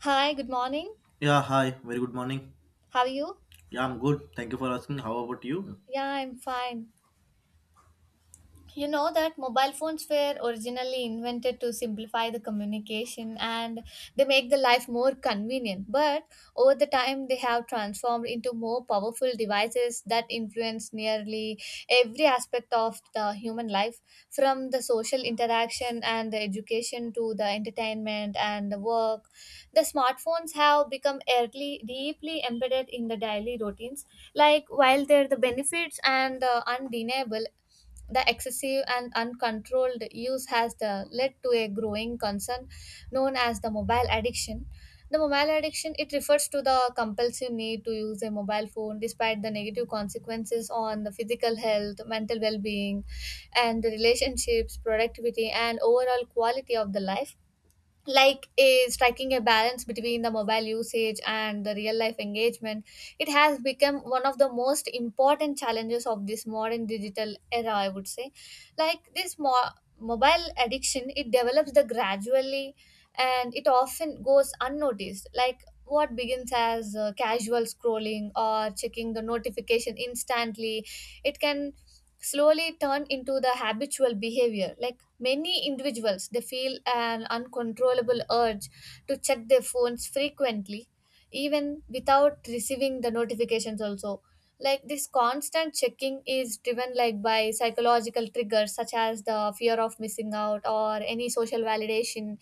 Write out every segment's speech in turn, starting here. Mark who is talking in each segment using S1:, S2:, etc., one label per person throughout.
S1: Hi, good morning.
S2: Yeah, hi. Very good morning.
S1: How are you?
S2: Yeah, I'm good. Thank you for asking. How about you?
S1: Yeah, I'm fine. You know that mobile phones were originally invented to simplify the communication and they make the life more convenient, but over the time they have transformed into more powerful devices that influence nearly every aspect of the human life. From the social interaction and the education to the entertainment and the work, the smartphones have become early, deeply embedded in the daily routines. Like while they're the benefits and undeniable, the excessive and uncontrolled use led to a growing concern known as the mobile addiction. The mobile addiction, it refers to the compulsive need to use a mobile phone despite the negative consequences on the physical health, mental well-being, and the relationships, productivity, and overall quality of the life. Like a striking a balance between the mobile usage and the real life engagement, it has become one of the most important challenges of this modern digital era, I would say. like this mo- mobile addiction, it develops the gradually and it often goes unnoticed. Like what begins as casual scrolling or checking the notification instantly, it can slowly turn into the habitual behavior. Like many individuals, they feel an uncontrollable urge to check their phones frequently, even without receiving the notifications also. Like this constant checking is driven like by psychological triggers such as the fear of missing out or any social validation.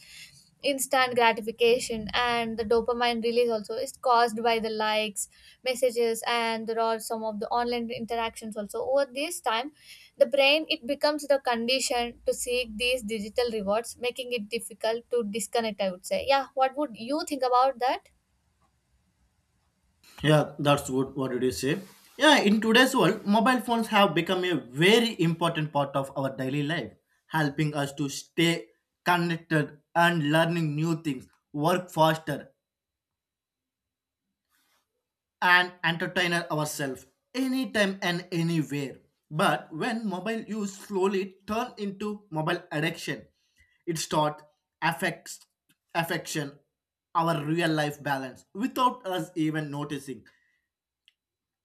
S1: Instant gratification and the dopamine release also is caused by the likes, messages, and there are some of the online interactions also. Over this time, the brain, it becomes the condition to seek these digital rewards, making it difficult to disconnect, I would say. Yeah, what would you think about that?
S2: Yeah, that's good. What did you say? Yeah, in today's world, mobile phones have become a very important part of our daily life, helping us to stay connected and learning new things, work faster, and entertain ourselves anytime and anywhere. But when mobile use slowly turn into mobile addiction, it start affects affection our real life balance without us even noticing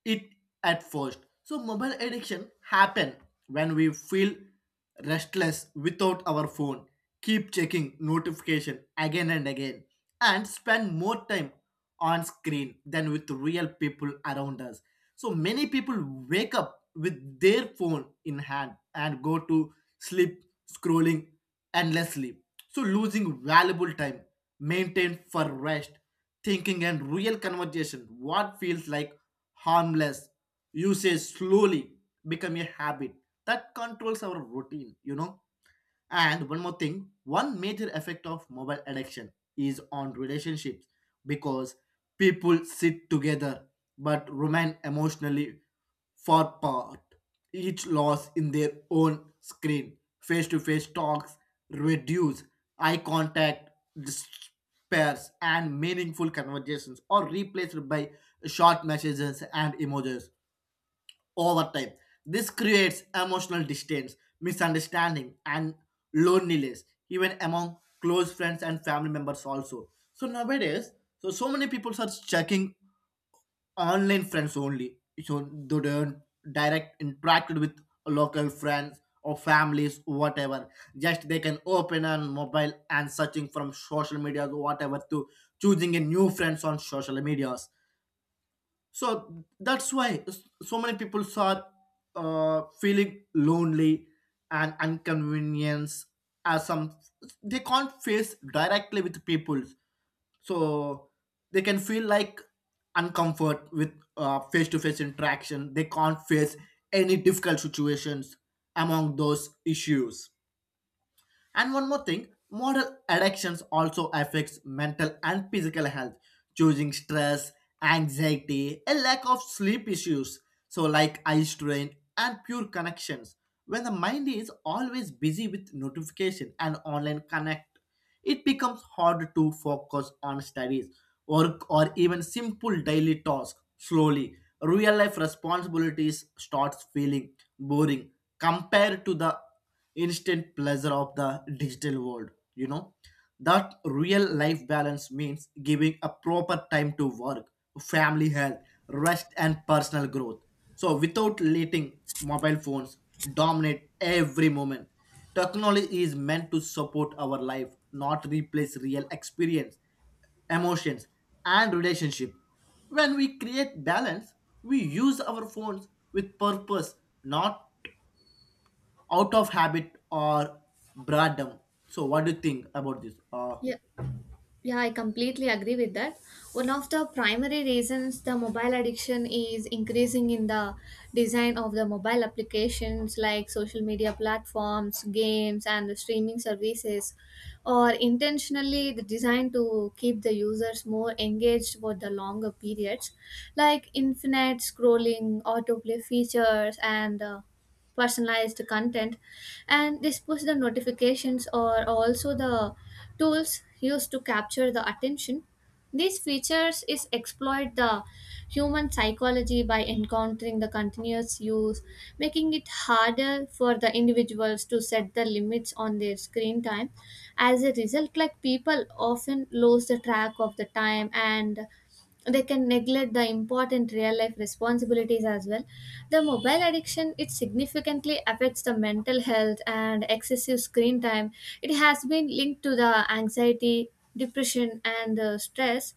S2: it at first. So mobile addiction happen when we feel restless without our phone, keep checking notification again and again, and spend more time on screen than with real people around us. So many people wake up with their phone in hand and go to sleep scrolling endlessly. So losing valuable time maintained for rest, thinking and real conversation, what feels like harmless usage slowly become a habit that controls our routine. And one more thing, one major effect of mobile addiction is on relationships because people sit together but remain emotionally far apart, each lost in their own screen. Face to face talks reduce, eye contact despairs, and meaningful conversations are replaced by short messages and emojis over time. This creates emotional distance, misunderstanding, and loneliness, even among close friends and family members also. So nowadays, so many people are checking online friends only. So they don't direct interact with local friends or families, whatever. Just they can open on mobile and searching from social medias or whatever to choosing a new friends on social medias, so that's why so many people are feeling lonely and inconvenience as some they can't face directly with people, so they can feel like uncomfort with face-to-face interaction, they can't face any difficult situations among those issues. And one more thing, modern addictions also affects mental and physical health, choosing stress, anxiety, a lack of sleep issues, so like eye strain and pure connections. When the mind is always busy with notification and online connect, it becomes hard to focus on studies, work, or even simple daily tasks. Slowly, real life responsibilities starts feeling boring compared to the instant pleasure of the digital world. That real life balance means giving a proper time to work, family health, rest, and personal growth. So, without letting mobile phones dominate every moment, technology is meant to support our life, not replace real experience, emotions, and relationship. When we create balance, we use our phones with purpose, not out of habit or boredom. So, what do you think about this?
S1: Yeah. Yeah, I completely agree with that. One of the primary reasons the mobile addiction is increasing in the design of the mobile applications, like social media platforms, games, and the streaming services, are intentionally designed to keep the users more engaged for the longer periods, like infinite scrolling, autoplay features, and personalized content. And this push the notifications, or also the tools used to capture the attention, these features is exploit the human psychology by encountering the continuous use, making it harder for the individuals to set the limits on their screen time. As a result, like people often lose the track of the time and they can neglect the important real life responsibilities as well. The mobile addiction, it significantly affects the mental health, and excessive screen time, it has been linked to the anxiety, depression, and the stress.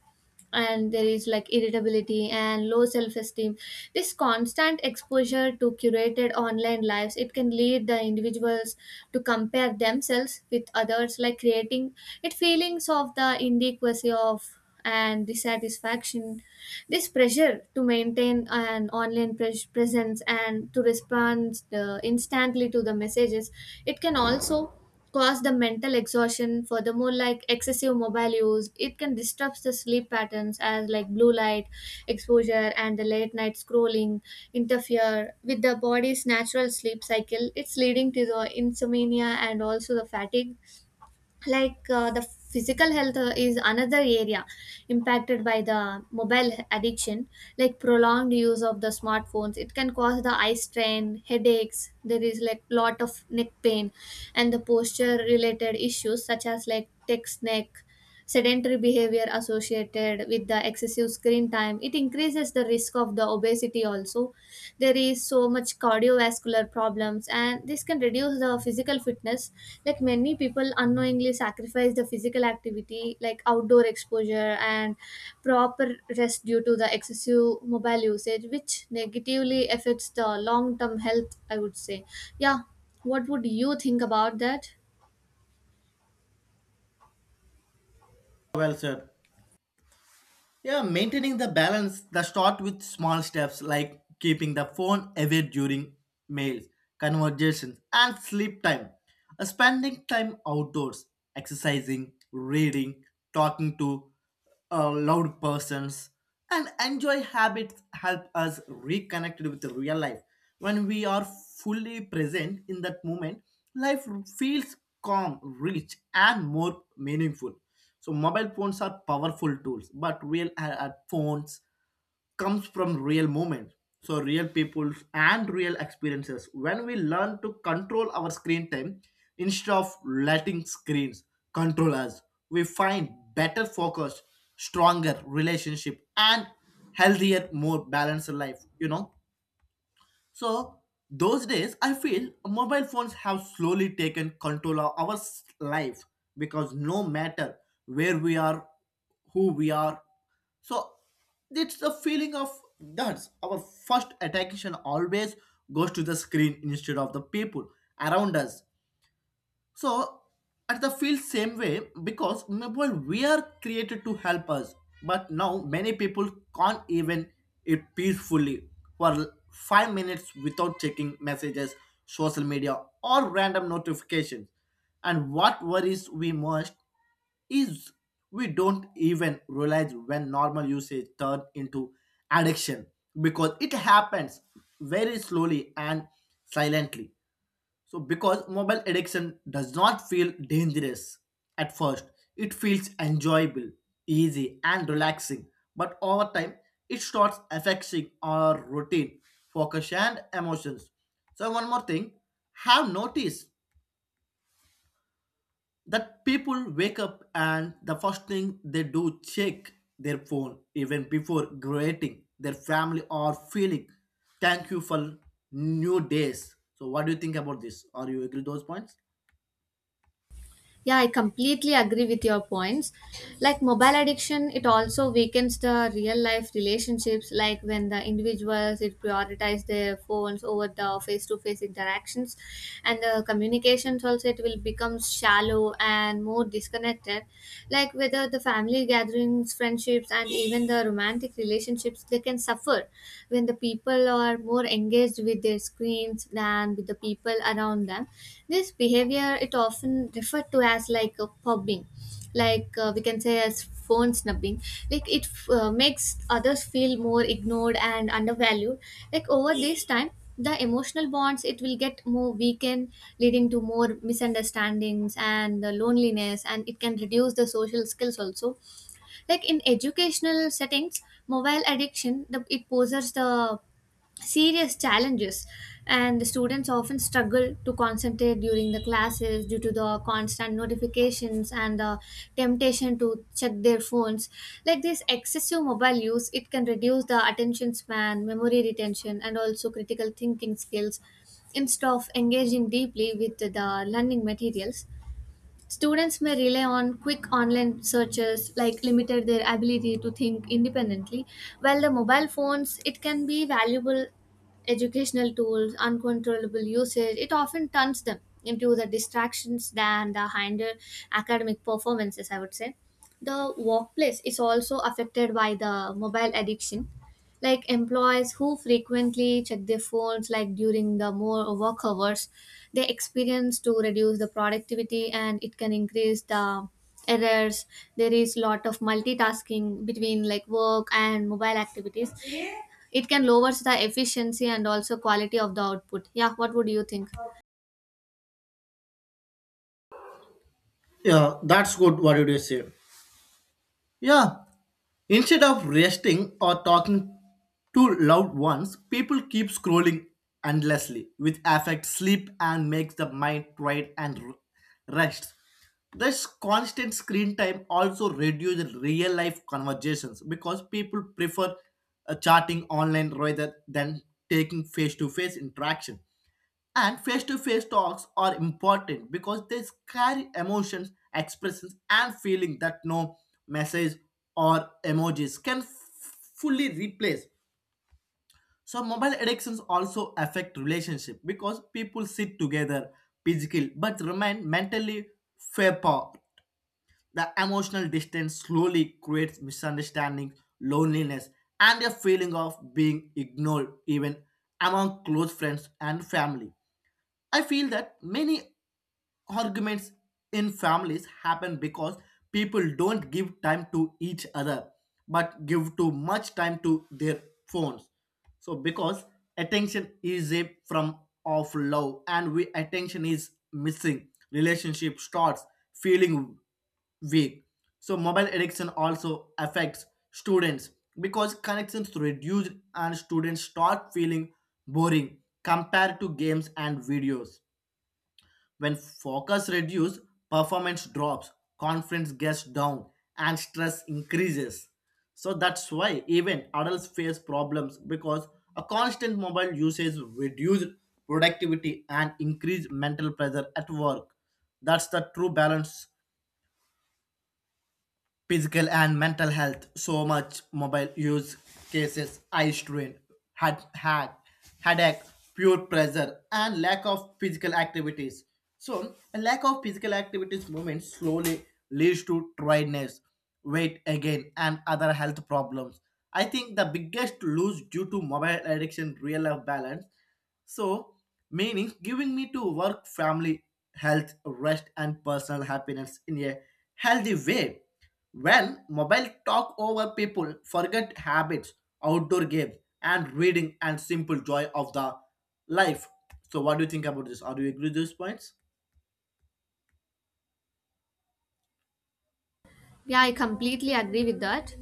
S1: And there is like irritability and low self-esteem. This constant exposure to curated online lives, it can lead the individuals to compare themselves with others, like creating it feelings of the inadequacy of and dissatisfaction. This pressure to maintain an online presence and to respond instantly to the messages, it can also cause the mental exhaustion. Furthermore, like excessive mobile use, it can disrupt the sleep patterns, as like blue light exposure and the late night scrolling interfere with the body's natural sleep cycle. It's leading to the insomnia and also the fatigue. Like the physical health is another area impacted by the mobile addiction. Like prolonged use of the smartphones, it can cause the eye strain, headaches, there is like lot of neck pain and the posture related issues such as like text neck. Sedentary behavior associated with the excessive screen time, it increases the risk of the obesity also. There is so much cardiovascular problems, and this can reduce the physical fitness. Like many people unknowingly sacrifice the physical activity, like outdoor exposure and proper rest due to the excessive mobile usage, which negatively affects the long term health, I would say. Yeah, what would you think about that?
S2: Well said. Yeah, maintaining the balance, the start with small steps like keeping the phone away during meals, conversations, and sleep time. Spending time outdoors, exercising, reading, talking to loud persons, and enjoy habits help us reconnect with the real life. When we are fully present in that moment, life feels calm, rich, and more meaningful. So mobile phones are powerful tools, but real phones comes from real moments. So real people and real experiences. When we learn to control our screen time instead of letting screens control us, we find better focus, stronger relationship, and healthier, more balanced life. So those days, I feel mobile phones have slowly taken control of our life because no matter where we are, who we are, so it's the feeling of that's our first attention always goes to the screen instead of the people around us. So at the feel same way because mobile were created to help us, but now many people can't even eat peacefully for 5 minutes without checking messages, social media, or random notifications. And what worries we most is we don't even realize when normal usage turn into addiction because it happens very slowly and silently, so, because mobile addiction does not feel dangerous at first, it feels enjoyable, easy, and relaxing. But over time, it starts affecting our routine, focus, and emotions. So, one more thing have noticed that people wake up and the first thing they do check their phone even before greeting their family or feeling thank you for new days. So what do you think about this? Are you agree those points?
S1: Yeah, I completely agree with your points. Like mobile addiction, it also weakens the real life relationships. Like when the individuals it prioritize their phones over the face to face interactions, and the communications also, it will become shallow and more disconnected. Like whether the family gatherings, friendships, and even the romantic relationships, they can suffer when the people are more engaged with their screens than with the people around them. This behavior, it often referred to as like a pubbing, like we can say as phone snubbing. Like it makes others feel more ignored and undervalued. Like over this time, the emotional bonds, it will get more weakened, leading to more misunderstandings and loneliness, and it can reduce the social skills also. Like in educational settings, mobile addiction it poses the serious challenges, and the students often struggle to concentrate during the classes due to the constant notifications and the temptation to check their phones. Like this excessive mobile use, it can reduce the attention span, memory retention, and also critical thinking skills. Instead of engaging deeply with the learning materials, students may rely on quick online searches, like limited their ability to think independently. While the mobile phones, it can be valuable educational tools, uncontrollable usage, it often turns them into the distractions than the hinder academic performances, I would say. The workplace is also affected by the mobile addiction. Like employees who frequently check their phones, like during the more work hours, they experience to reduce the productivity, and it can increase the errors. There is lot of multitasking between like work and mobile activities, it can lowers the efficiency and also quality of the output. Yeah, what would you think?
S2: Yeah, that's good. What did you say? Yeah, instead of resting or talking to loved ones, people keep scrolling endlessly, which affects sleep and makes the mind tired and rest. This constant screen time also reduces real life conversations because people prefer chatting online rather than taking face to face interaction. And face to face talks are important because they carry emotions, expressions, and feeling that no message or emojis can fully replace. So, mobile addictions also affect relationship because people sit together physically but remain mentally far apart. The emotional distance slowly creates misunderstanding, loneliness, and a feeling of being ignored, even among close friends and family. I feel that many arguments in families happen because people don't give time to each other but give too much time to their phones, so because attention is a from of love and we attention is missing, relationship starts feeling weak. So mobile addiction also affects students because connections reduced and students start feeling boring compared to games and videos. When focus reduces, performance drops, confidence gets down, and stress increases. So that's why even adults face problems because a constant mobile usage reduced productivity and increased mental pressure at work. That's the true balance physical and mental health. So much mobile use cases, eye strain, had headache, pure pressure, and lack of physical activities. So a lack of physical activities movement slowly leads to tiredness, weight again, and other health problems. I think the biggest lose due to mobile addiction, real life balance, so, meaning giving me to work, family, health, rest, and personal happiness in a healthy way. When mobile talk over people, forget habits, outdoor games, and reading and simple joy of the life. So, what do you think about this? Are you agree with these points?
S1: Yeah, I completely agree with that.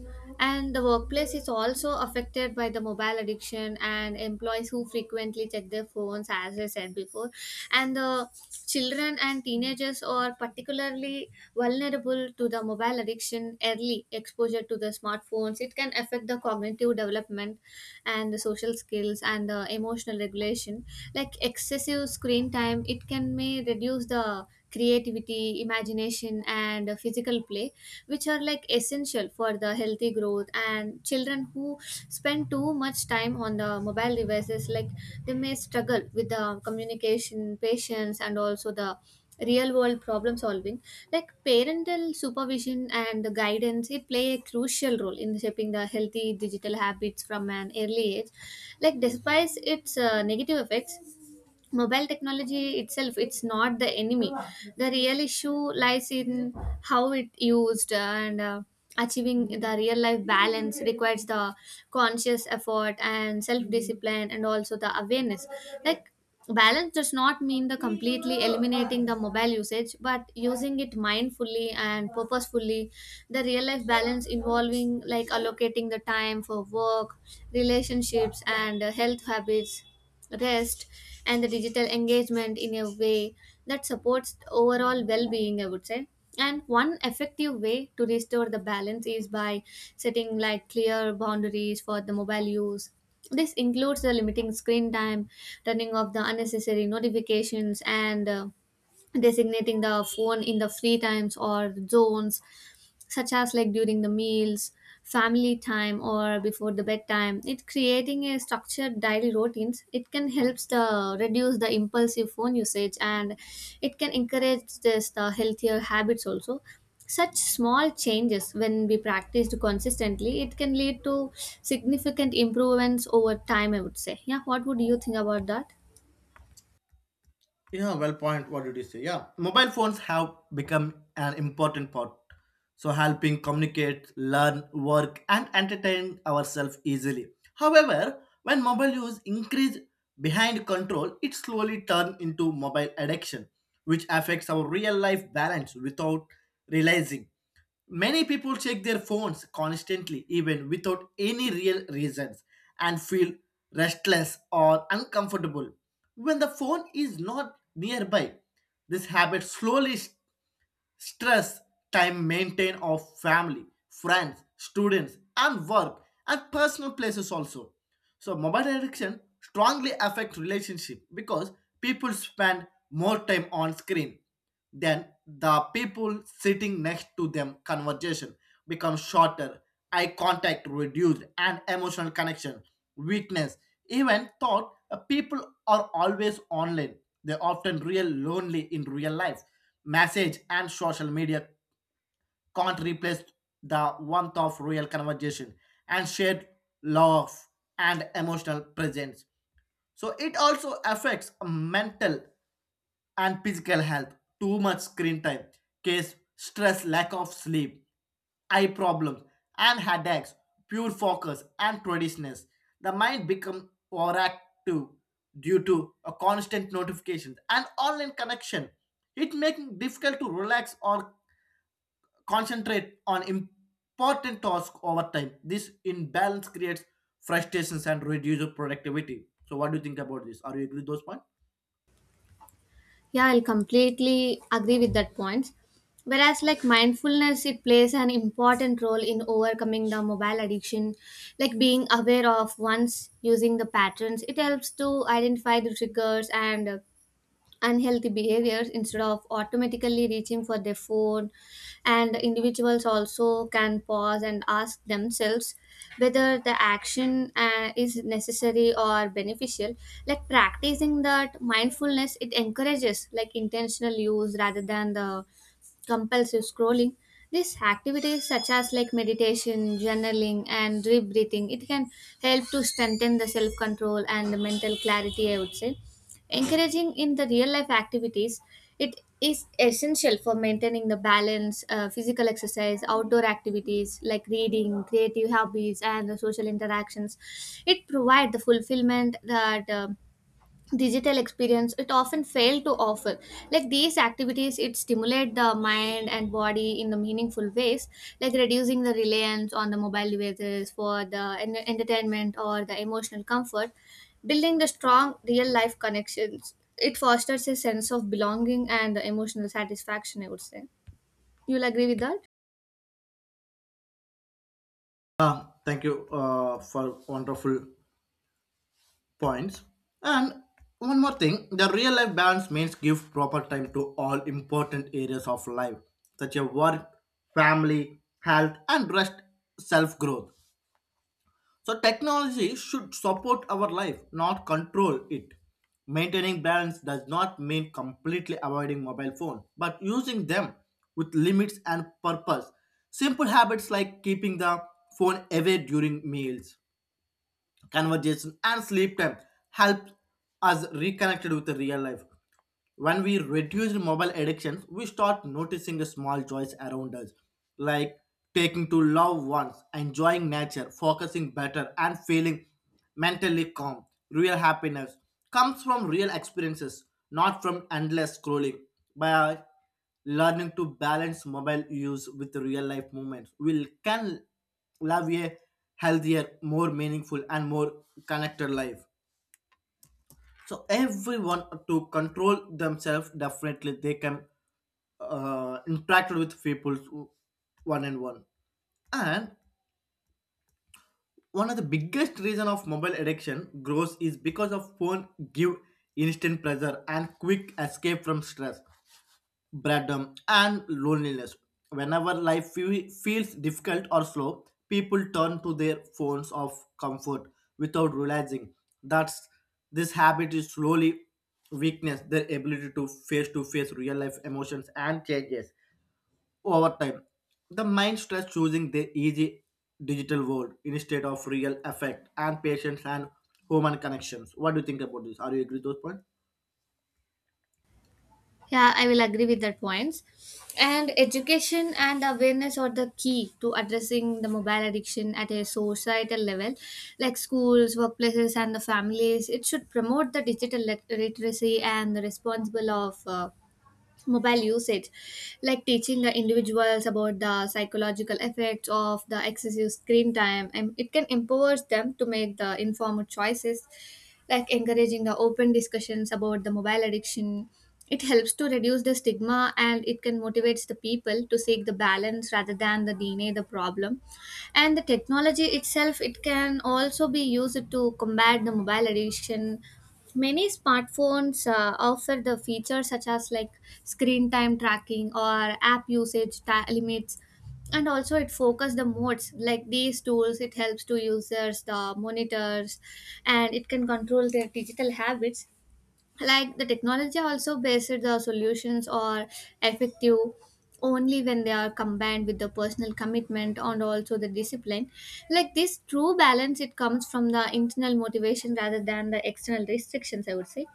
S1: And the workplace is also affected by the mobile addiction, and employees who frequently check their phones, as I said before. And the children and teenagers are particularly vulnerable to the mobile addiction. Early exposure to the smartphones, it can affect the cognitive development and the social skills and the emotional regulation. Like excessive screen time, it can may reduce the creativity, imagination, and physical play, which are like essential for the healthy growth. And children who spend too much time on the mobile devices, like they may struggle with the communication, patience, and also the real world problem solving. Like parental supervision and the guidance, it play a crucial role in shaping the healthy digital habits from an early age. Like despite its negative effects, mobile technology itself, it's not the enemy. The real issue lies in how it used. And achieving the real life balance requires the conscious effort and self discipline and also the awareness. Like balance does not mean the completely eliminating the mobile usage, but using it mindfully and purposefully. The real life balance involving like allocating the time for work, relationships, and health habits, rest, and the digital engagement in a way that supports the overall well-being, I would say. And one effective way to restore the balance is by setting like clear boundaries for the mobile use. This includes the limiting screen time, turning off the unnecessary notifications, and designating the phone in the free times or zones, such as like during the meals, family time, or before the bedtime. It creating a structured daily routines, it can helps the reduce the impulsive phone usage, and it can encourage this the healthier habits also. Such small changes, when we practiced consistently, it can lead to significant improvements over time, I would say. Yeah, what would you think about that?
S2: Yeah, well point. What did you say? Yeah, mobile phones have become an important part. So helping communicate, learn, work, and entertain ourselves easily. However, when mobile use increase behind control, it slowly turn into mobile addiction, which affects our real life balance without realizing. Many people check their phones constantly, even without any real reasons, and feel restless or uncomfortable when the phone is not nearby. This habit slowly stress time maintain of family, friends, students and work and personal places also. So mobile addiction strongly affects relationship because people spend more time on screen than the people sitting next to them. Conversation become shorter, eye contact reduced, and emotional connection weakness. Even thought people are always online. They often real lonely in real life. Message and social media can't replace the warmth of real conversation and shared love and emotional presence. So it also affects mental and physical health. Too much screen time, case stress, lack of sleep, eye problems, and headaches, poor focus, and traditionals. The mind becomes overactive due to a constant notifications and online connection. It making difficult to relax or concentrate on important tasks over time. This imbalance creates frustrations and reduces productivity. So, what do you think about this? Are you agree with those points?
S1: Yeah, I'll completely agree with that point. Whereas like mindfulness, it plays an important role in overcoming the mobile addiction. Like being aware of one's using the patterns, it helps to identify the triggers and unhealthy behaviors. Instead of automatically reaching for their phone, and individuals also can pause and ask themselves whether the action is necessary or beneficial. Like practicing that mindfulness, it encourages like intentional use rather than the compulsive scrolling. These activities such as like meditation, journaling, and deep breathing, it can help to strengthen the self control and the mental clarity, I would say. Encouraging in the real life activities, it is essential for maintaining the balance. Physical exercise, outdoor activities like reading, creative hobbies, and the social interactions, it provide the fulfillment that digital experience it often fail to offer. Like these activities, it stimulate the mind and body in the meaningful ways. Like reducing the reliance on the mobile devices for the entertainment or the emotional comfort, building the strong real life connections, it fosters a sense of belonging and the emotional satisfaction, I would say. You'll agree with that?
S2: Thank you for wonderful points. And one more thing, the real life balance means give proper time to all important areas of life, such as work, family, health, and rest, self growth. So technology should support our life, not control it. Maintaining balance does not mean completely avoiding mobile phone, but using them with limits and purpose. Simple habits like keeping the phone away during meals, conversation and sleep time help us reconnected with the real life. When we reduce mobile addictions, we start noticing the small joys around us, like taking to loved ones, enjoying nature, focusing better and feeling mentally calm. Real happiness comes from real experiences, not from endless scrolling. By learning to balance mobile use with real life moments, we can live a healthier, more meaningful, and more connected life. So everyone to control themselves definitely they can interact with people one and one. And one of the biggest reason of mobile addiction grows is because of phone give instant pleasure and quick escape from stress, boredom, and loneliness. Whenever life feels difficult or slow, people turn to their phones of comfort without realizing that this habit is slowly weakness their ability to face real life emotions and changes over time. The mind starts choosing the easy digital world instead of real affect and patience and human connections. What do you think about this? Are you agree with those points?
S1: Yeah, I will agree with that points. And education and awareness are the key to addressing the mobile addiction at a societal level, like schools, workplaces, and the families. It should promote the digital literacy and the responsible of mobile usage, like teaching the individuals about the psychological effects of the excessive screen time, and it can empower them to make the informed choices, like encouraging the open discussions about the mobile addiction. It helps to reduce the stigma and it can motivates the people to seek the balance rather than the deny the problem. And the technology itself, it can also be used to combat the mobile addiction. Many smartphones offer the features such as like screen time tracking or app usage limits, and also it focus the modes. Like these tools, it helps to users the monitors and it can control their digital habits. Like the technology also based, the solutions are effective only when they are combined with the personal commitment and also the discipline. Like this true balance, it comes from the internal motivation rather than the external restrictions, I would say.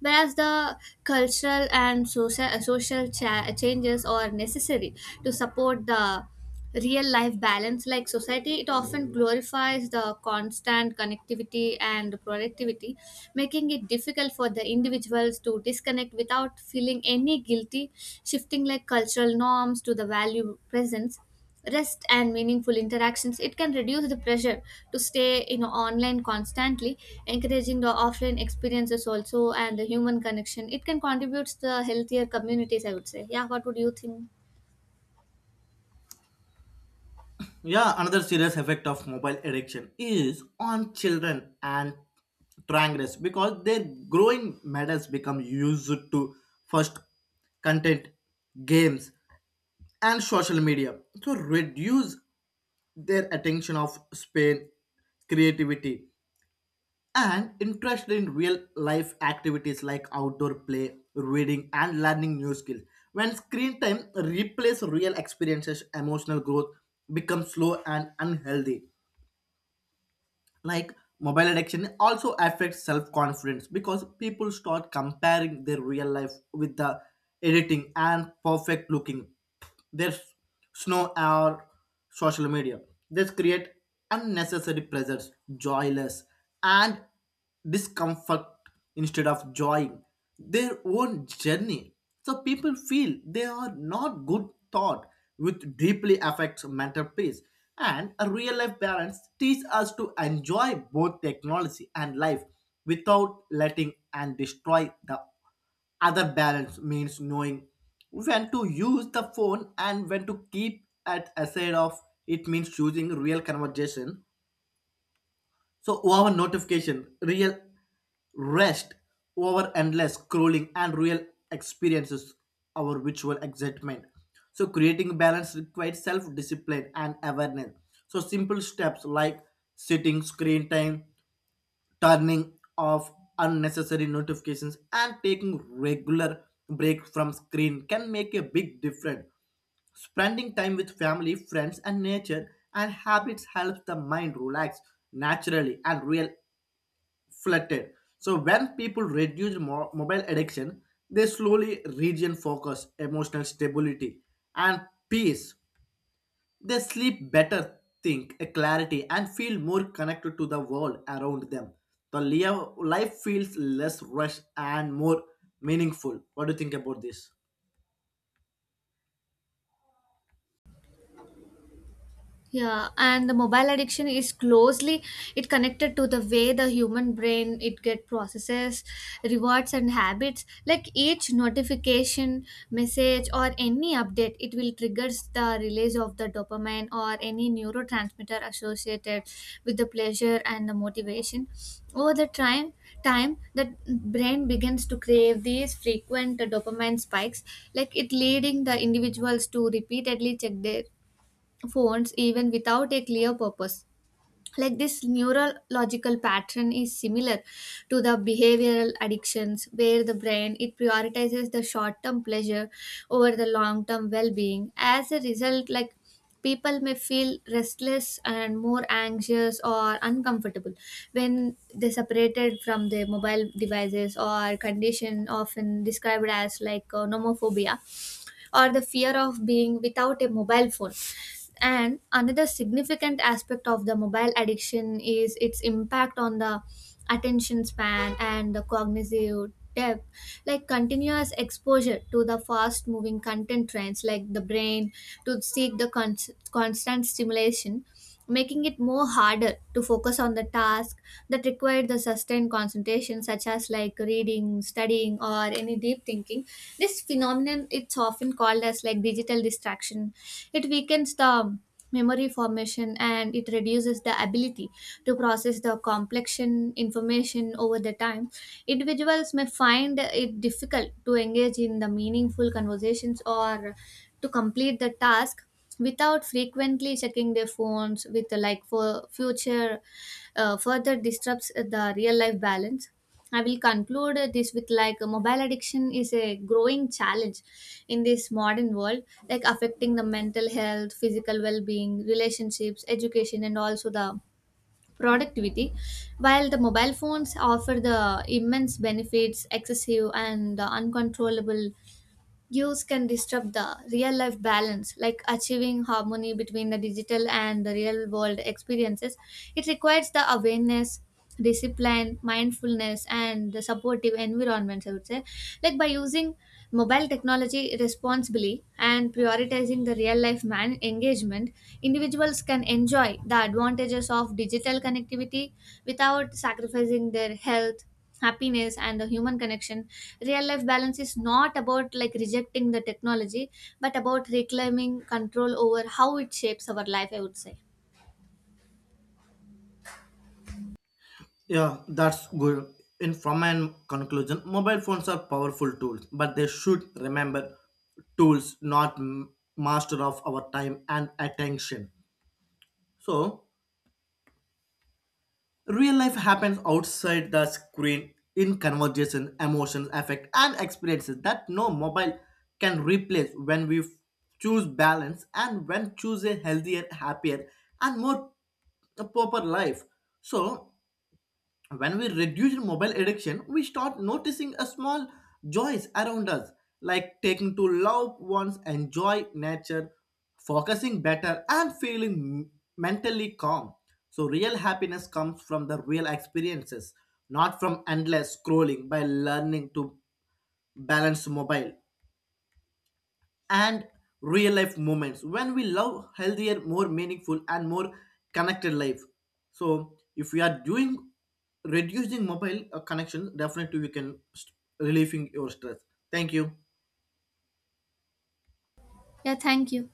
S1: Whereas the cultural and social changes are necessary to support the real life balance. Like society, it often glorifies the constant connectivity and productivity, making it difficult for the individuals to disconnect without feeling any guilty. Shifting like cultural norms to the value presence, rest, and meaningful interactions, it can reduce the pressure to stay online constantly. Encouraging the offline experiences also and the human connection, it can contribute to the healthier communities, I would say. Yeah, what would you think?
S2: Yeah, another serious effect of mobile addiction is on children and triangles because their growing matters become used to first content, games, and social media to reduce their attention of span, creativity, and interest in real life activities like outdoor play, reading, and learning new skills. When screen time replaces real experiences, emotional growth becomes slow and unhealthy. Like mobile addiction also affects self-confidence because people start comparing their real life with the editing and perfect looking their snow or social media. This create unnecessary pressures, joyless and discomfort instead of joy their own journey. So people feel they are not good thought, which deeply affects mental peace. And a real life balance teach us to enjoy both technology and life without letting and destroy the other. Balance means knowing when to use the phone and when to keep at aside of it. Means choosing real conversation so over notification, real rest over endless scrolling, and real experiences, our virtual excitement. So creating balance requires self-discipline and awareness. So simple steps like setting screen time, turning off unnecessary notifications, and taking regular breaks from screen can make a big difference. Spending time with family, friends, and nature and habits helps the mind relax naturally and real flattened. So when people reduce mobile addiction, they slowly regain focus, emotional stability, and peace. They sleep better, think a clarity, and feel more connected to the world around them. The life feels less rushed and more meaningful. What do you think about this?
S1: Yeah, and the mobile addiction is closely it connected to the way the human brain it get processes rewards and habits. Like each notification, message, or any update, it will triggers the release of the dopamine or any neurotransmitter associated with the pleasure and the motivation. Over the time, the brain begins to crave these frequent dopamine spikes, like it leading the individuals to repeatedly check their phones even without a clear purpose. Like this neurological pattern is similar to the behavioral addictions where the brain it prioritizes the short-term pleasure over the long-term well-being. As a result, like people may feel restless and more anxious or uncomfortable when they separated from their mobile devices or condition often described as like nomophobia or the fear of being without a mobile phone. And another significant aspect of the mobile addiction is its impact on the attention span and the cognitive depth. Like continuous exposure to the fast moving content trends, like the brain to seek the constant stimulation, making it more harder to focus on the task that required the sustained concentration, such as like reading, studying, or any deep thinking. This phenomenon it's often called as like digital distraction. It weakens the memory formation and it reduces the ability to process the complexion information. Over the time, individuals may find it difficult to engage in the meaningful conversations or to complete the task without frequently checking their phones with like for future further disrupts the real life balance. I will conclude this with like mobile addiction is a growing challenge in this modern world, like affecting the mental health, physical well-being, relationships, education, and also the productivity. While the mobile phones offer the immense benefits, excessive and the uncontrollable use can disrupt the real life balance, like achieving harmony between the digital and the real world experiences. It requires the awareness, discipline, mindfulness, and the supportive environments, I would say. Like by using mobile technology responsibly and prioritizing the real life man engagement, individuals can enjoy the advantages of digital connectivity without sacrificing their health, happiness, and the human connection. Real life balance is not about like rejecting the technology, but about reclaiming control over how it shapes our life, I would say.
S2: Yeah, that's good. In from my conclusion, mobile phones are powerful tools, but they should remember tools, not master of our time and attention. So, real life happens outside the screen in conversation, emotions, affect, and experiences that no mobile can replace when we choose balance and when choose a healthier, happier, and more a proper life. So when we reduce mobile addiction, we start noticing a small joys around us, like taking to loved ones, enjoy nature, focusing better and feeling mentally calm. So real happiness comes from the real experiences, not from endless scrolling. By learning to balance mobile and real life moments, when we love healthier, more meaningful and more connected life. So if we are doing reducing mobile connection, definitely we can relieving your stress. Thank you.
S1: Yeah, thank you.